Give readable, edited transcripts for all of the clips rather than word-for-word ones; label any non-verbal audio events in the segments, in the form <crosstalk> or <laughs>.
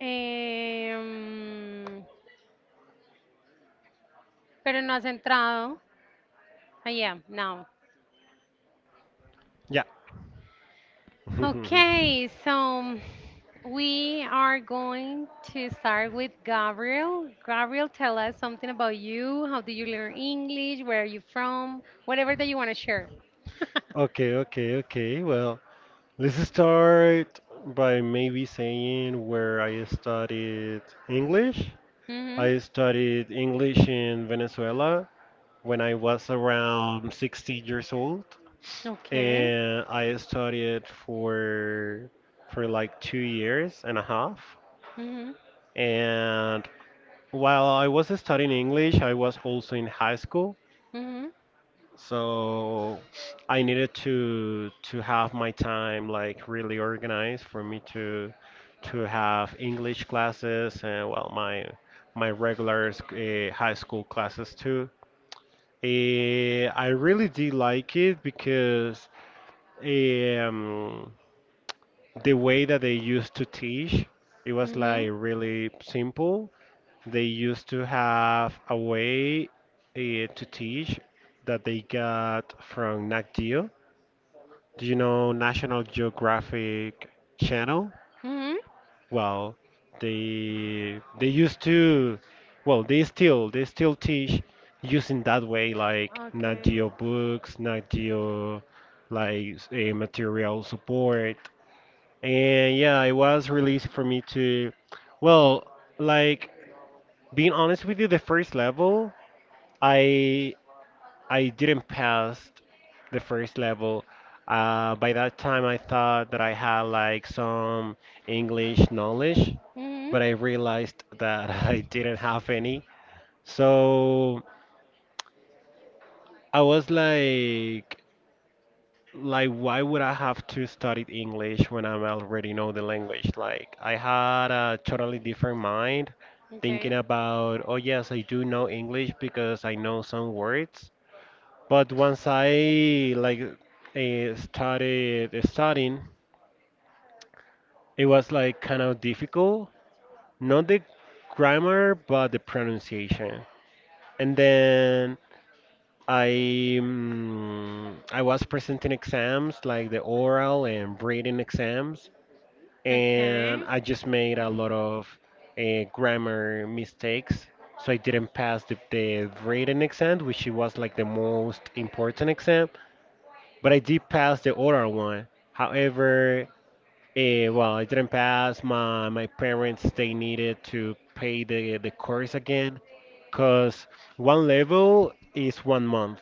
Um, pero no has entrado. I am now. Yeah. <laughs> Okay, so we are going to start with Gabriel. Gabriel, tell us something about you. How do you learn English? Where are you from? Whatever that you want to share. <laughs> Okay, okay, okay. Well, let's start by maybe saying where I studied English. Hmm. I studied English in Venezuela when I was around 16 years old, Okay. and I studied for like 2 years and a half. Hmm. And while I was studying English, I was also in high school. Hmm. So I needed to have my time like really organized for me to have English classes, and well, my regular high school classes too. I really did like it because um, the way that they used to teach, it was Hmm. like really simple. They used to have a way to teach that they got from Nat Geo. Do you know National Geographic Channel? Hmm. Well, they used to, well, they still teach using that way, like Nat Okay. Geo books, Nat Geo, like a material support, and yeah, it was really easy for me to, well, like, being honest with you, the first level, I I didn't pass the first level. By that time, I thought that I had like some English knowledge, Hmm. but I realized that <laughs> I didn't have any. So I was like, why would I have to study English when I already know the language? Like, I had a totally different mind, thinking Okay. about, oh yes, I do know English because I know some words. But once I like started studying, it was like kind of difficult, not the grammar but the pronunciation. And then I I was presenting exams like the oral and reading exams, and Okay. I just made a lot of grammar mistakes. So I didn't pass the reading exam, which it was like the most important exam. But I did pass the oral one. However, well, I didn't pass. My parents, they needed to pay the course again, cause one level is 1 month.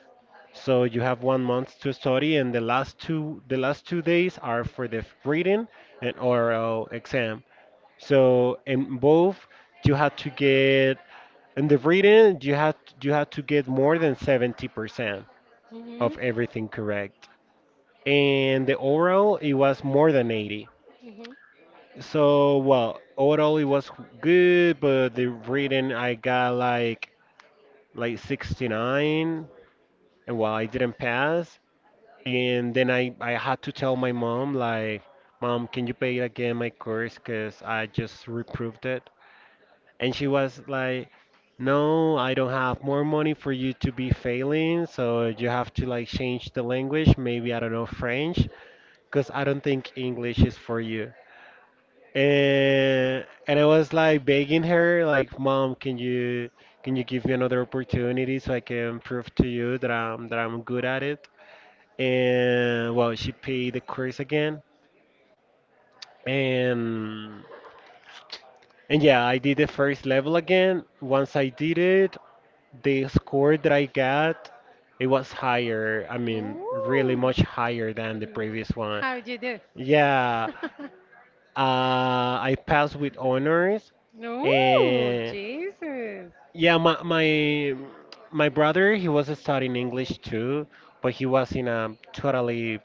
So you have 1 month to study, and the last two days are for the reading and oral exam. So in both, you had to get in the reading, you had to get more than 70% Hmm. of everything correct, and the overall, it was more than 80. Hmm. So well, overall, it was good, but the reading I got like 69, and well, I didn't pass. And then I had to tell my mom, like, Mom, can you pay again my course because I just reproved it? And she was like, no, I don't have more money for you to be failing, so you have to like change the language, maybe, I don't know, French, because I don't think English is for you. And I was like begging her, like, Mom, can you give me another opportunity so I can prove to you that I'm good at it? And well, she paid the course again, and and yeah, I did the first level again. Once I did it, the score that I got, it was higher, I mean, really Ooh. much higher than the Mm. previous one. How'd you do? Yeah, I passed with honors, <laughs> Ooh, and Jesus. yeah, my brother, he was studying English too, but he was in a totally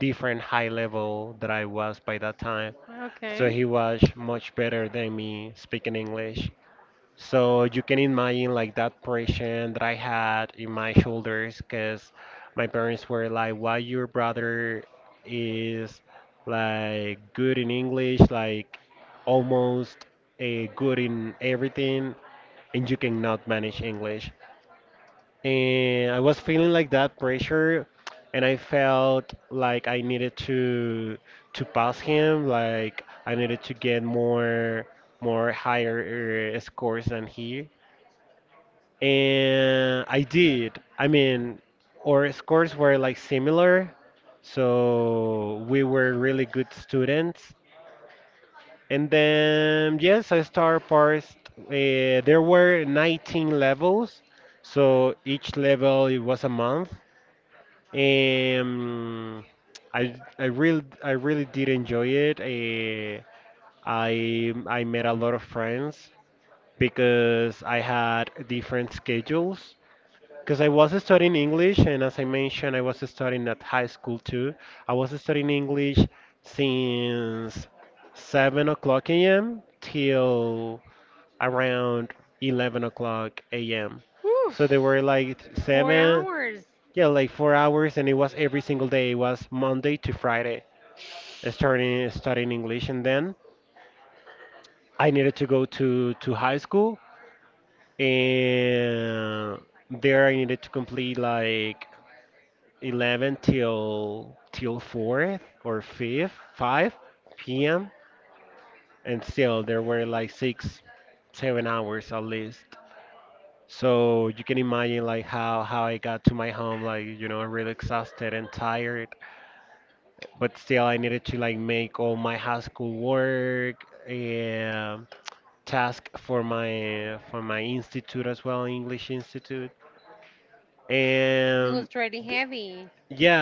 different high level that I was by that time. So Okay. he was much better than me speaking English. So you can imagine like that pressure that I had in my shoulders because my parents were like, why your brother is like good in English, like almost a good in everything, and you cannot manage English. And I was feeling like that pressure, and I felt like I needed to pass him, like I needed to get more higher scores than he. And I did. I mean, our scores were like similar, so we were really good students. And then, yes, I start parsed. There were 19 levels, so each level it was a month. Um, I really did enjoy it. I met a lot of friends because I had different schedules. Because I was studying English, and as I mentioned, I was studying at high school too. I was studying English since 7 o'clock a.m. till around 11 o'clock a.m. Whew, So they were like four seven, hours. yeah, like 4 hours, and it was every single day. It was Monday to Friday, starting studying English, and then I needed to go to high school, and there I needed to complete like 11 till 4th or 5th, 5 p.m., and still there were like 6 7 hours at least. So you can imagine like how I got to my home, like, really exhausted and tired, but still I needed to like make all my high school work and task for my institute as well, English institute. It And was pretty th- heavy.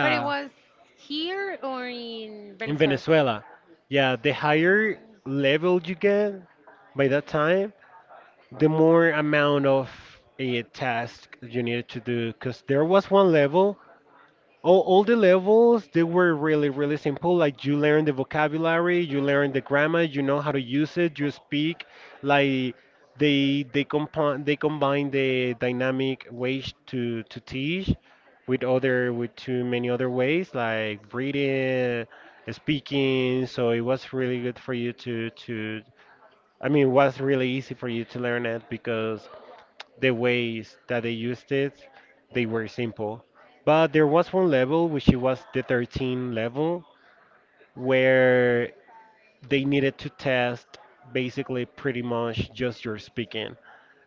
But it was here or in in Venezuela. Venezuela. Yeah, the higher level you get by that time, the more amount of a task you needed to do. Because there was one level, all the levels, they were really really simple, like you learn the vocabulary, you learn the grammar, you know how to use it, you speak, like they compound they combine the dynamic ways to teach with other with too many other ways, like reading, speaking, so it was really good for you to, I mean, it was really easy for you to learn it because the ways that they used it, they were simple. But there was one level, which it was the 13 level, where they needed to test basically pretty much just your speaking.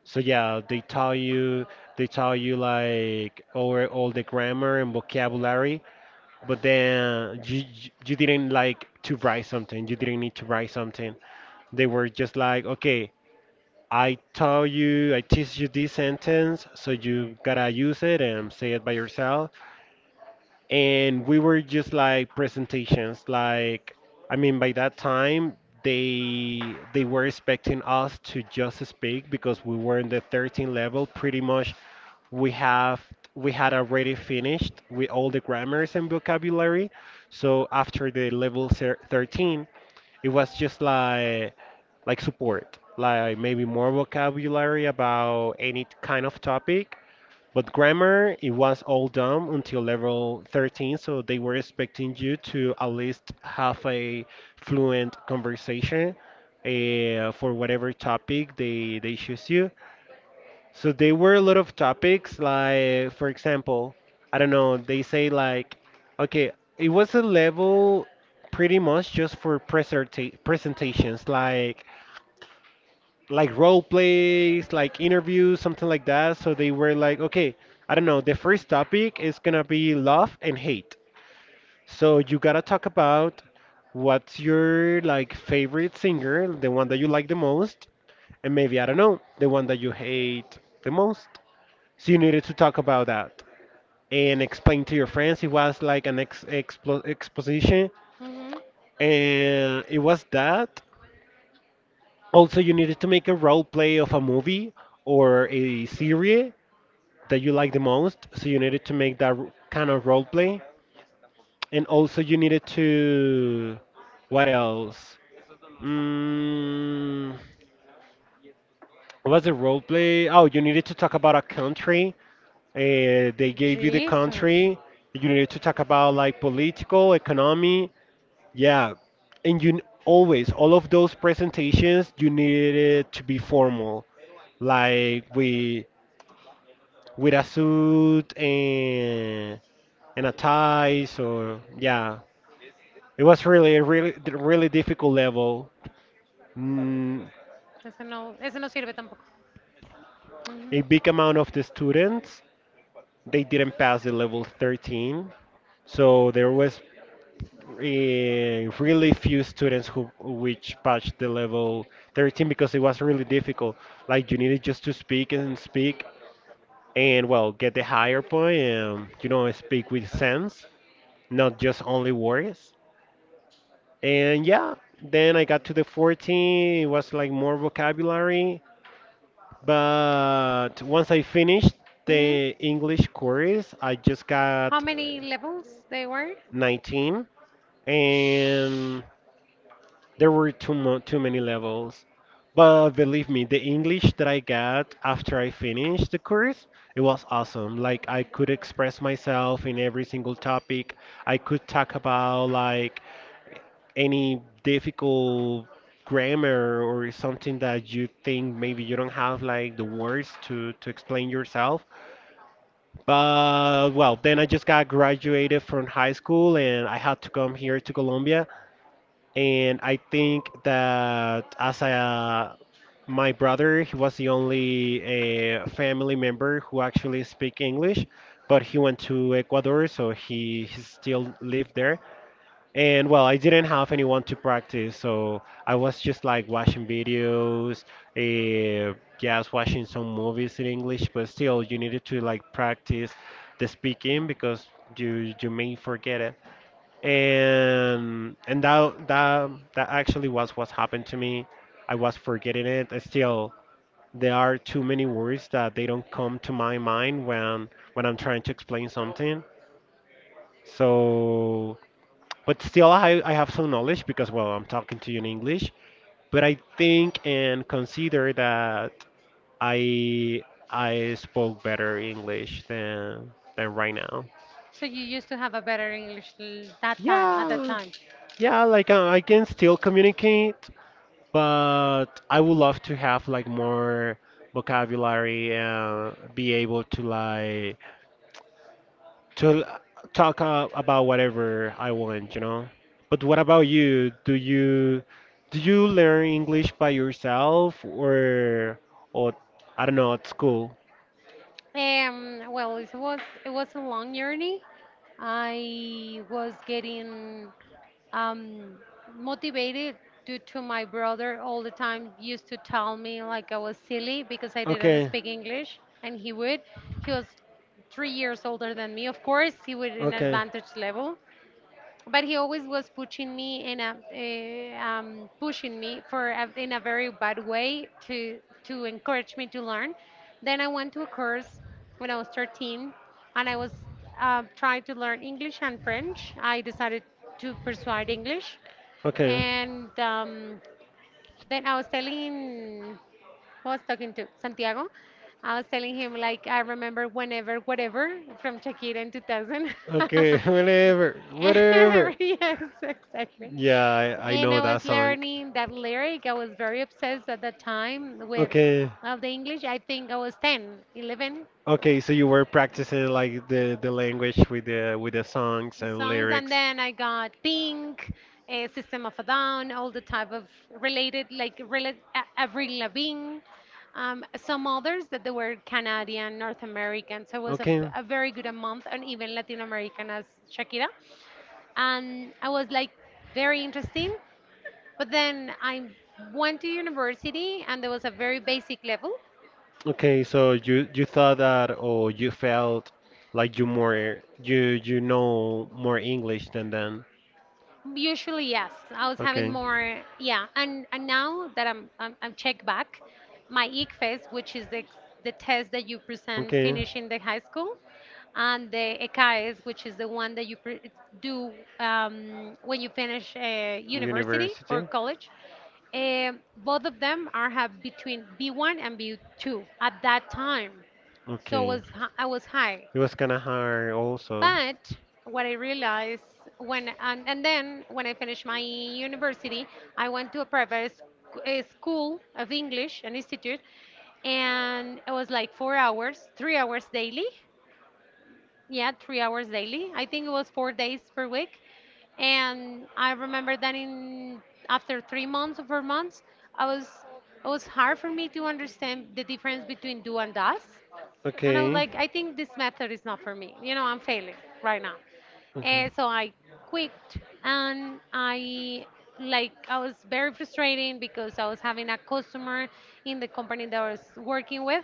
So yeah, they tell you like over all the grammar and vocabulary, but then you didn't like to write something. You didn't need to write something. They were just like, okay, I taught you, I teach you this sentence, so you gotta use it and say it by yourself, and we were just like presentations, like, I mean, by that time they they were expecting us to just speak because we were in the 13 level. Pretty much we have we had already finished with all the grammars and vocabulary, so after the level 13, it was just like support, like maybe more vocabulary about any kind of topic. But grammar, it was all done until level 13, so they were expecting you to at least have a fluent conversation for whatever topic they choose you. So there were a lot of topics, like, for example, I don't know, they say like, okay, it was a level pretty much just for presentations, like role plays, like interviews, something like that. So they were like, okay, I don't know, the first topic is gonna be love and hate. So you gotta talk about what's your like favorite singer, the one that you like the most, and maybe, I don't know, the one that you hate the most. So you needed to talk about that and explain to your friends. It was like an ex expo exposition, Hmm. and it was that. Also, you needed to make a role play of a movie or a series that you like the most. So you needed to make that kind of role play, and also you needed to, what else? Mm, what was the role play? Oh, you needed to talk about a country. They gave you the Jesus. country. You needed to talk about like political, economy. Yeah, and always all of those presentations, you needed it to be formal, like, we with a suit and a ties, or yeah, it was really a really really difficult level. mm, Eso no sirve tampoco. a Ujú. big amount of the students, they didn't pass the level 13, so there was really few students who which passed the level 13 because it was really difficult, like you needed just to speak and speak and well, get the higher point, and speak with sense, not just only words. And yeah, then I got to the 14, it was like more vocabulary. But once I finished Mhm. the English course, I just How got many levels they were? 19. And there were too many levels, but believe me, the English that I got after I finished the course, it was awesome. Like, I could express myself in every single topic. I could talk about like any difficult grammar or something that you think maybe you don't have like the words to explain yourself. But well, then I just got graduated from high school, and I had to come here to Colombia. And I think that as a my brother, he was the only family member who actually speak English, but he went to Ecuador, so he still lived there. And well, I didn't have anyone to practice, so I was just like watching videos, uh, yeah, I was watching some movies in English, but still, you needed to like practice the speaking because you may forget it, and that actually was what happened to me. I was forgetting it. Still, there are too many words that they don't come to my mind when I'm trying to explain something. So, but still, I have some knowledge because well, I'm talking to you in English. But I think and consider that I I spoke better English than right now. So you used to have a better English that time, at that Yeah, time. yeah, like I can still communicate, but I would love to have like more vocabulary and be able to like to l- talk about whatever I want, you know. But what about you? Do you learn English by yourself or, I don't know, at school? Well, it was a long journey. I was getting um, motivated due to my brother all the time used to tell me like I was silly because I didn't speak English, and he would. He was 3 years older than me, of course. He would in advantage level, but he always was pushing me and pushing me for a, in a very bad way to encourage me to learn. Then I went to a course when I was 13, and I was trying to learn English and French. I decided to pursue English, and then I was talking to Santiago. I was telling him like I remember whenever, whatever from Shakira in 2000. <laughs> Okay, <laughs> whatever, whatever. Yes, exactly. Yeah, I And know I that was song. learning that lyric. I was very obsessed at that time with Okay, well, the English. I think I was 10, 11. okay. So you were practicing like the language with the songs and Songs, and lyrics. then I got Pink, System of a Down, all the type of related, like Avril Lavigne, some others that they were Canadian, North American, so it was Okay. a very good a month, and even Latin American as Shakira. And I was like very interesting. But then I went to university and there was a very basic level. Okay, so you thought that, or you felt like you more you know more English than them. Usually, yes. I was having Okay. more, yeah. And now that I'm checked back, my ICFES, which is the test that you present Okay. finishing the high school, and the ECAES, which is the one that you pre do when you finish university University. or college. Both of them are have between B1 and B2 at that time. So Okay. was I was high. It was kind of hard also. But what I realized when, and then when I finished my university, I went to a private a school of English, an institute, and it was like 4 hours, 3 hours daily. Yeah, 3 hours daily. I think it was 4 days per week. And I remember that in after 3 months or 4 months, I was it was hard for me to understand the difference between do and does, and I was Okay. like, I think this method is not for me. You know, I'm failing right now. Okay. And so I quit, and I, like, I was very frustrating because I was having a customer in the company that I was working with,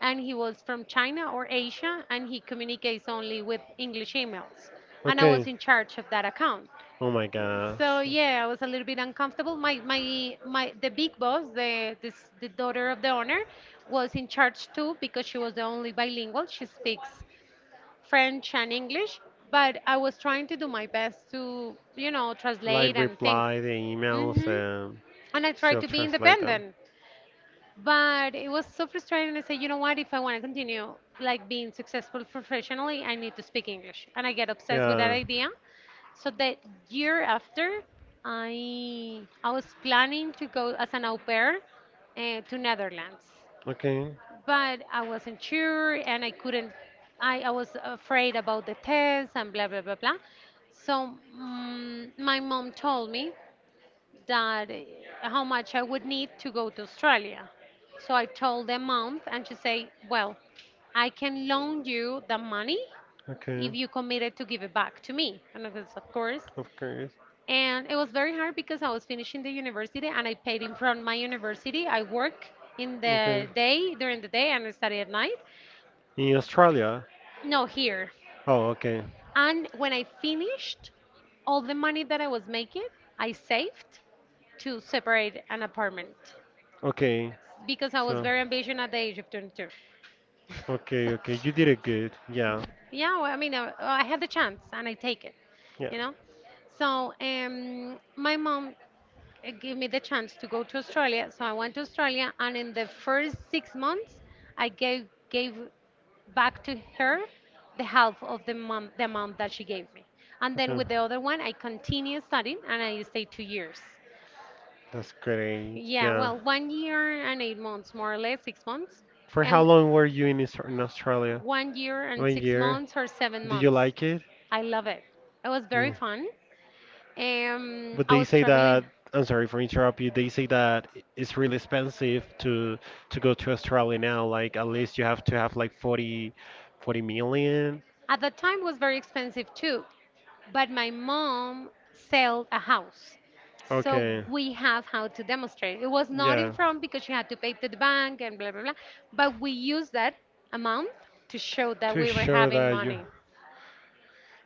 and he was from China or Asia, and he communicates only with English emails, and I was Okay. in charge of that account. Oh my gosh. So yeah, I was a little bit uncomfortable. My the big boss, the daughter of the owner, was in charge too because she was the only bilingual. She speaks French and English, but I was trying to do my best to, you know, translate Like and things. reply the emails Hmm. and And I tried still to be translate them. independent, but it was so frustrating. I said, you know what? If I want to continue like being successful professionally, I need to speak English. And I get obsessed with that Yeah. idea. So the year after, I was planning to go as an au pair to Netherlands, Okay. but I wasn't sure and I couldn't. I was afraid about the test and blah blah blah blah. So my mom told me that how much I would need to go to Australia. So I told the amount, and she said, well, I can loan you the money Okay. if you committed to give it back to me. And I was, of course. Of course. And it was very hard because I was finishing the university, and I paid in from my university. I work in Okay. the day during the day, and I study at night. In Australia. No, here. Oh, okay. And when I finished, all the money that I was making, I saved to separate an apartment Okay. because I was So. very ambitious at the age of 22. Okay, okay. You <laughs> did it good. Yeah. So, yeah, well, I mean, I had the chance and I take it, Yeah. you know. So my mom give me the chance to go to Australia. So I went to Australia, and in the first 6 months, I gave back to her the half of the amount that she gave me. And then Okay. with the other one, I continued studying, and I stayed 2 years. That's great. Yeah, Yeah. well, 1 year and 8 months, more or less, 6 months, For how and long were you in, Aus- in Australia? 1 year and One six year. months or seven Did you months. like it? I love it. It was very Yeah. fun. But I they was say that, traveling. I'm sorry for interrupting you, they say that it's really expensive to go to Australia now. Like at least you have to have like forty million. At that time was very expensive too, but my mom sold a house. So Okay. we have how to demonstrate. It was not in Yeah. front because she had to pay to the bank and blah blah blah. But we used that amount to show that To we were show having that you. money.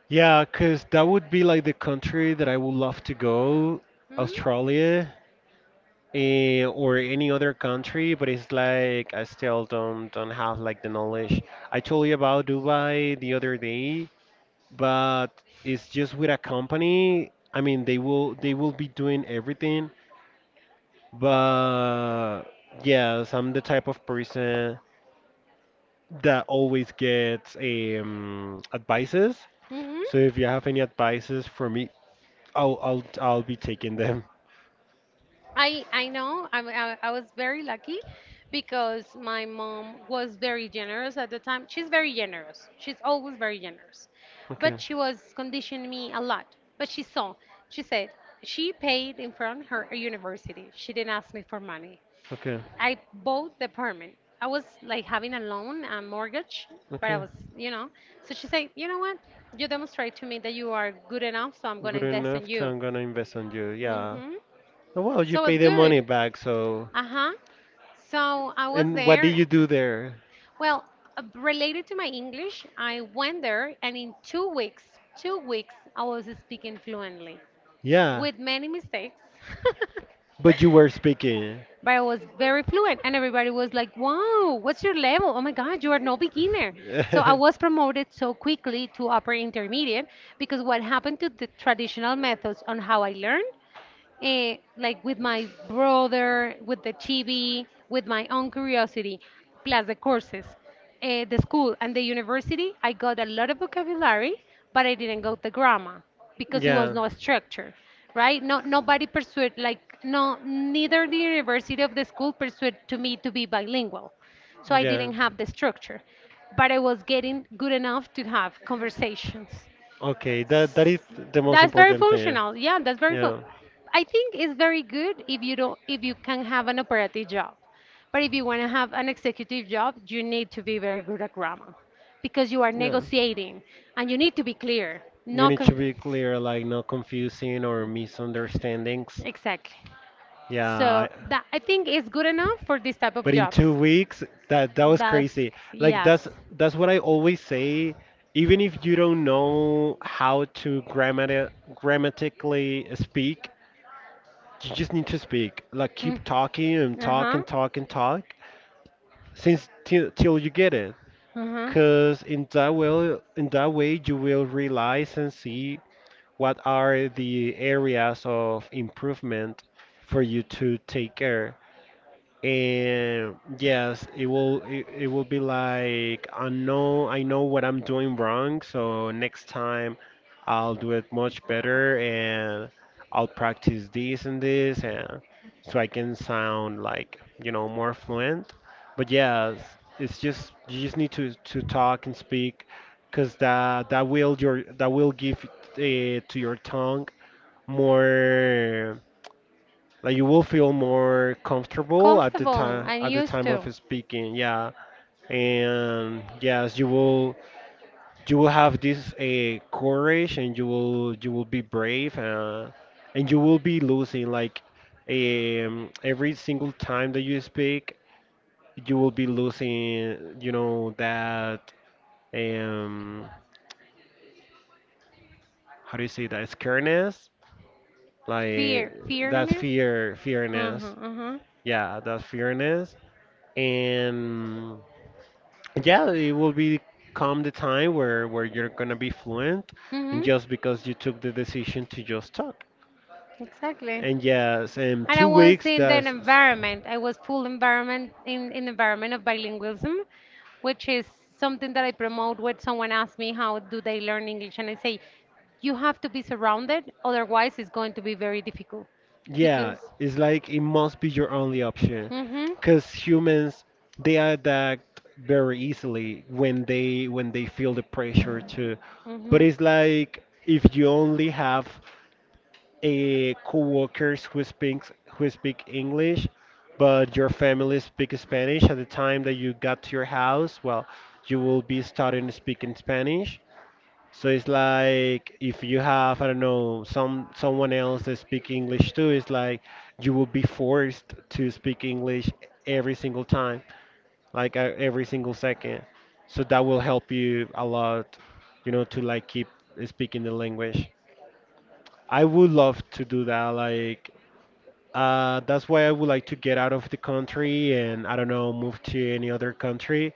Yeah, cause that would be like the country that I would love to go, Hmm? Australia, or any other country, but it's like I still don't have like the knowledge. I told you about Dubai the other day, but it's just with a company. I mean, they will be doing everything. But yes, I'm the type of person that always gets advices. Mm-hmm. So if you have any advices for me, I'll be taking them. <laughs> I know. I was very lucky because my mom was very generous at the time. She's very generous. She's always very generous. Okay. But she was conditioning me a lot. But she saw. She said she paid in front her university. She didn't ask me for money. Okay. I bought the apartment. I was like having a loan, a mortgage, but I Okay. was, you know. So she said, you know what? You demonstrate to me that you are good enough, so I'm gonna Good invest in enough to you. I'm gonna invest on you. Yeah. Hmm. Well, you So pay it's the money good. back, so. Uh huh. So I was And what did there. you do there? Well, related to my English, I went there, and in 2 weeks, I was speaking fluently Yeah, with many mistakes. but you were <laughs> speaking. But I was very fluent, and everybody was like, "Wow, what's your level? Oh my God, you are no beginner!" So I was <laughs> promoted so quickly to upper intermediate because what happened to the traditional methods on how I learn, like with my brother, with the chibi, with my own curiosity, plus the courses, the school and the university, I got a lot of vocabulary, but I didn't go the grammar because it was Yeah, no structure, right? No, nobody pursued like no, neither the university of the school pursued to me to be bilingual, so I yeah. didn't have the structure, but I was getting good enough to have conversations. Okay, that is the most That's very important thing. functional. Yeah, that's very fun. Yeah, I think it's very good if you can have an operative job. But if you want to have an executive job, you need to be very good at grammar because you are yeah. negotiating, and you need to be clear. You Not need to be clear, like not confusing or misunderstandings. exactly. Yeah, So I, that I think is good enough for this type of but in two jobs. weeks, that was That's crazy. Like yes. That's what I always say. Even if you don't know how to grammatically speak, you just need to speak. Like Mm, keep talking and talk uh-huh. and talk and talk since till you get it. uh Cause in that way you will realize and see what are the areas of improvement for you to take care, and yes, it will be like I know, what I'm doing wrong, so next time I'll do it much better, and I'll practice this and this, and so I can sound like, you know, more fluent. But yes, it's just you just need to talk and speak, because that will give to your tongue more, like you will feel more comfortable at the Comfortable time and used of to speaking. Yeah, and yes, you will have this courage, and you will be brave, and you will be losing like every single time that you speak, you will be losing, you know, that um how do you say that, scareness, like fear, that fearness. fear Uh-huh, fearness, uh-huh. yeah, that fearness. And yeah, it will be come the time where you're gonna be fluent, and Mm-hmm. just because you took the decision to just talk. Exactly. And yes, in And I two was weeks, in an that's environment. I was full environment in environment of bilingualism, which is something that I promote when someone asks me how do they learn English, and I say you have to be surrounded, otherwise it's going to be very difficult yeah, because. it's like it must be your only option, Mhm. because humans they adapt very easily when they feel the pressure to. But Mhm. it's like if you only have co-workers who speak English, but your family speaks Spanish. At the time that you got to your house, well, you will be starting speaking Spanish. So it's like if you have, I don't know, some someone else that speak English too, it's like you will be forced to speak English every single time, like every single second. So that will help you a lot, you know, to like keep speaking the language. I would love to do that, like that's why I would like to get out of the country and I don't know, move to any other country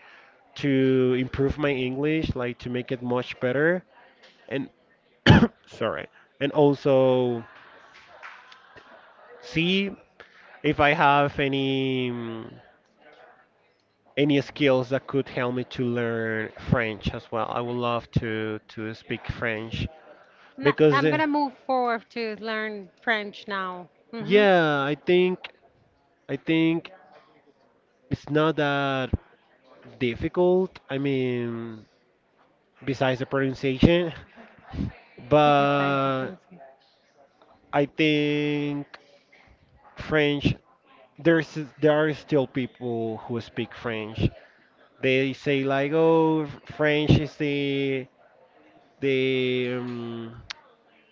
to improve my English, like to make it much better. And <coughs> sorry, and also see if I have any any skills that could help me to learn French as well. I would love to speak French because I'm gonna move forward to learn French now. Mhm. yeah, I think it's not that difficult. I mean, besides the pronunciation. <laughs> <laughs> Besides the But French. I think French, there are still people who speak French. They say like, oh, French is the um,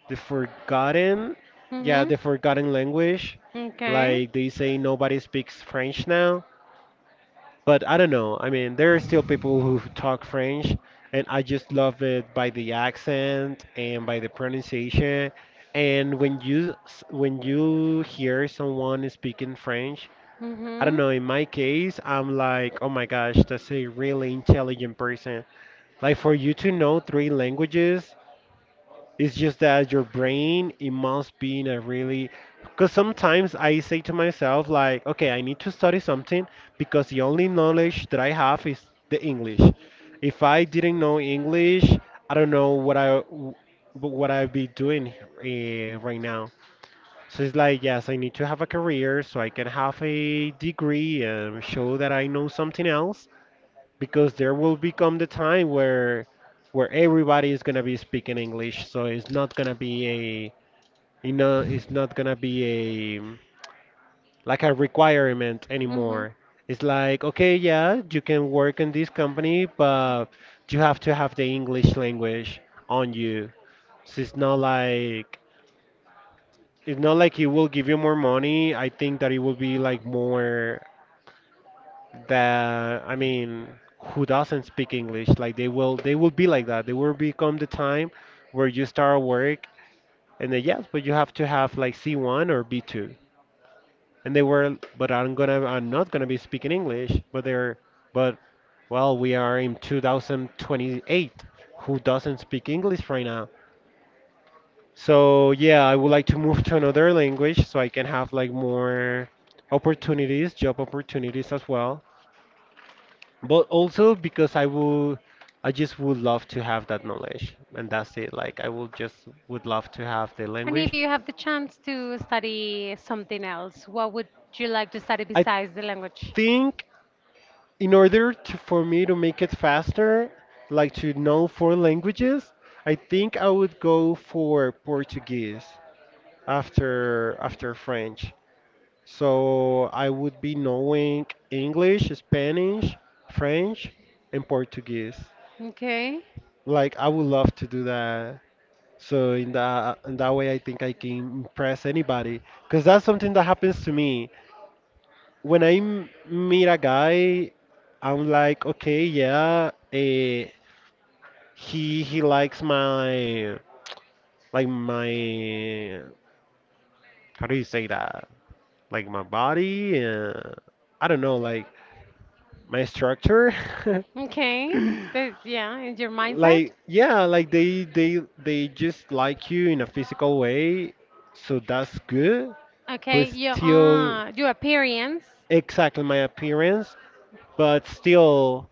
the forgotten, yeah, Mhm. the forgotten language. Okay. Like they say nobody speaks French now. But I don't know. I mean, there are still people who talk French, and I just love it by the accent and by the pronunciation. And when when you hear someone speaking French, Hmm. I don't Hmm. know. In my case, I'm like, oh my gosh, that's a really intelligent person. Like for you to know three languages, it's just that your brain, it must be in a really, because sometimes I say to myself, like, okay, I need to study something because the only knowledge that I have is the English. If I didn't know English, I don't know what what I'd be doing right now. So it's like, yes, I need to have a career so I can have a degree and show that I know something else, because there will become the time where everybody is gonna be speaking English, so it's not gonna be a, you know, it's not gonna be a like a requirement anymore. It's like okay, yeah, you can work in this company, but you have to have the English language on you. So it's not like it will give you more money. I think that it will be like more that, I mean, who doesn't speak English? Like they will be like that. They will become the time where you start work, and then yes, but you have to have like C1 or B2. And they were, but I'm not gonna be speaking English. But well, we are in 2028. Who doesn't speak English right now? So yeah, I would like to move to another language so I can have like more opportunities, job opportunities as well, but also because I will, I just would love to have that knowledge, and that's it. Like I will just would love to have the And if language. you have the chance to study something else, what would you like to study I besides the language? think, in order to, for me to make it faster, like to know four languages, I think I would go for Portuguese after French. So I would be knowing English, Spanish, French, and Portuguese. Okay. Like I would love to do that. So in that way, I think I can impress anybody. Cause that's something that happens to me when meet a guy. I'm like, okay, yeah, he likes my like my, how do you say that? Like my body. I don't know, like my structure. <laughs> Okay. That, yeah, in your mindset. Like yeah, like they just like you in a physical way, so that's good, but Okay. Your still uh, your appearance. exactly my appearance, but still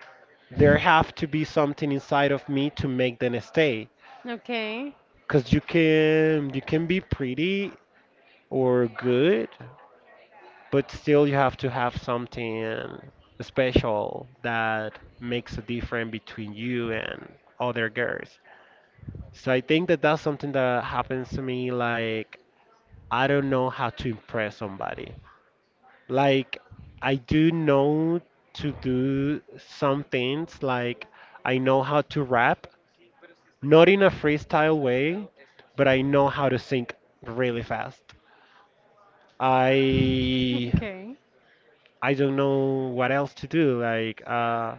there have to be something inside of me to make them stay. Okay. Cause you can be pretty or good, but still you have to have something special that makes a difference between you and other girls. So I think that that's something that happens to me. Like I don't know how to impress somebody. Like, I do know to do some things. Like, I know how to rap, not in a freestyle way, but I know how to sing really fast. <laughs> I Okay. I don't know what else to do. Like,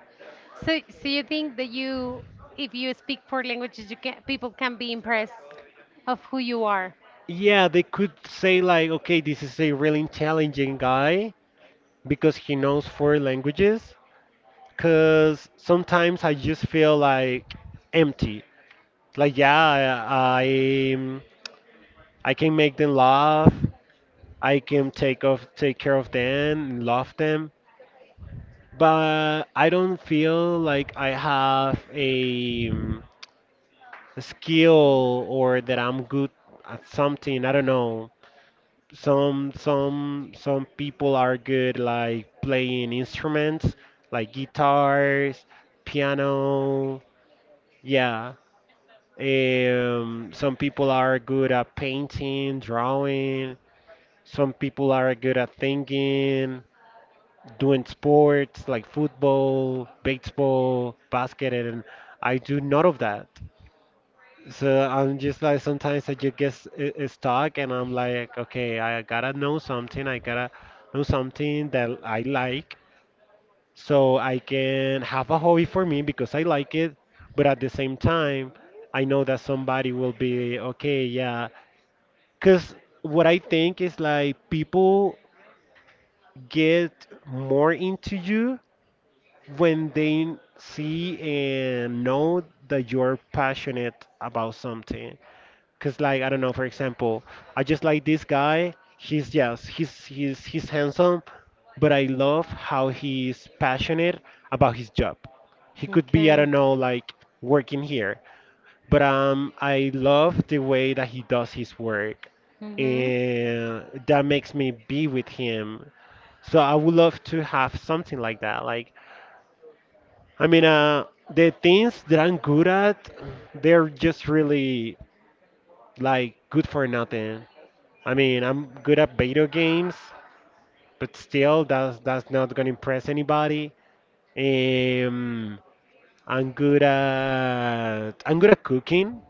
So, you think that you, if you speak four languages, you can people can be impressed of who you are. yeah, they could say like, okay, this is a really intelligent guy because he knows four languages. Cause sometimes I just feel like empty. Like, yeah, I can make them laugh. I can take off, take care of them, and love them. But I don't feel like I have a skill or that I'm good at something. I don't know. Some people are good like playing instruments like guitars, piano. Yeah. Some people are good at painting, drawing. Some people are good at thinking, doing sports like football, baseball, basket, and I do none of that. So I'm just like sometimes I just get stuck, and I'm like, okay, I gotta know something. I gotta know something that I like, so I can have a hobby for me because I like it. But at the same time, I know that somebody will be okay, yeah. Because what I think is like people get more into you when they see and know that you're passionate about something. Cause like I don't know, for example, I just like this guy. He's yes, he's handsome, but I love how he's passionate about his job. He could be, I Okay. don't know, like working here, but I love the way that he does his work, Mhm. and that makes me be with him. So I would love to have something like that. Like, I mean, the things that I'm good at, they're just really like good for nothing. I mean, I'm good at video games, but still, that's not gonna impress anybody. Um, I'm good at cooking.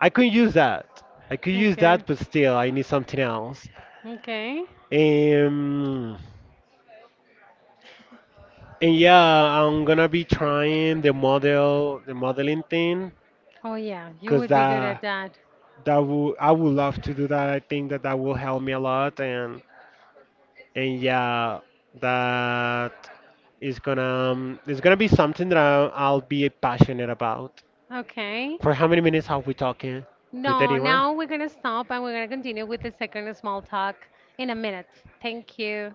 I could use that. I could use Okay. that, but still, I need something else. Okay. Um, and yeah, I'm gonna be trying the model, the modeling thing. Oh yeah, you Because would be good at that. that would, I would love to do that. I think that that will help me a lot, and yeah, that is gonna it's gonna be something that I'll be passionate about. Okay. For how many minutes have we talking? For No, 31. now we're gonna stop and we're gonna continue with the second small talk in a minute. Thank you.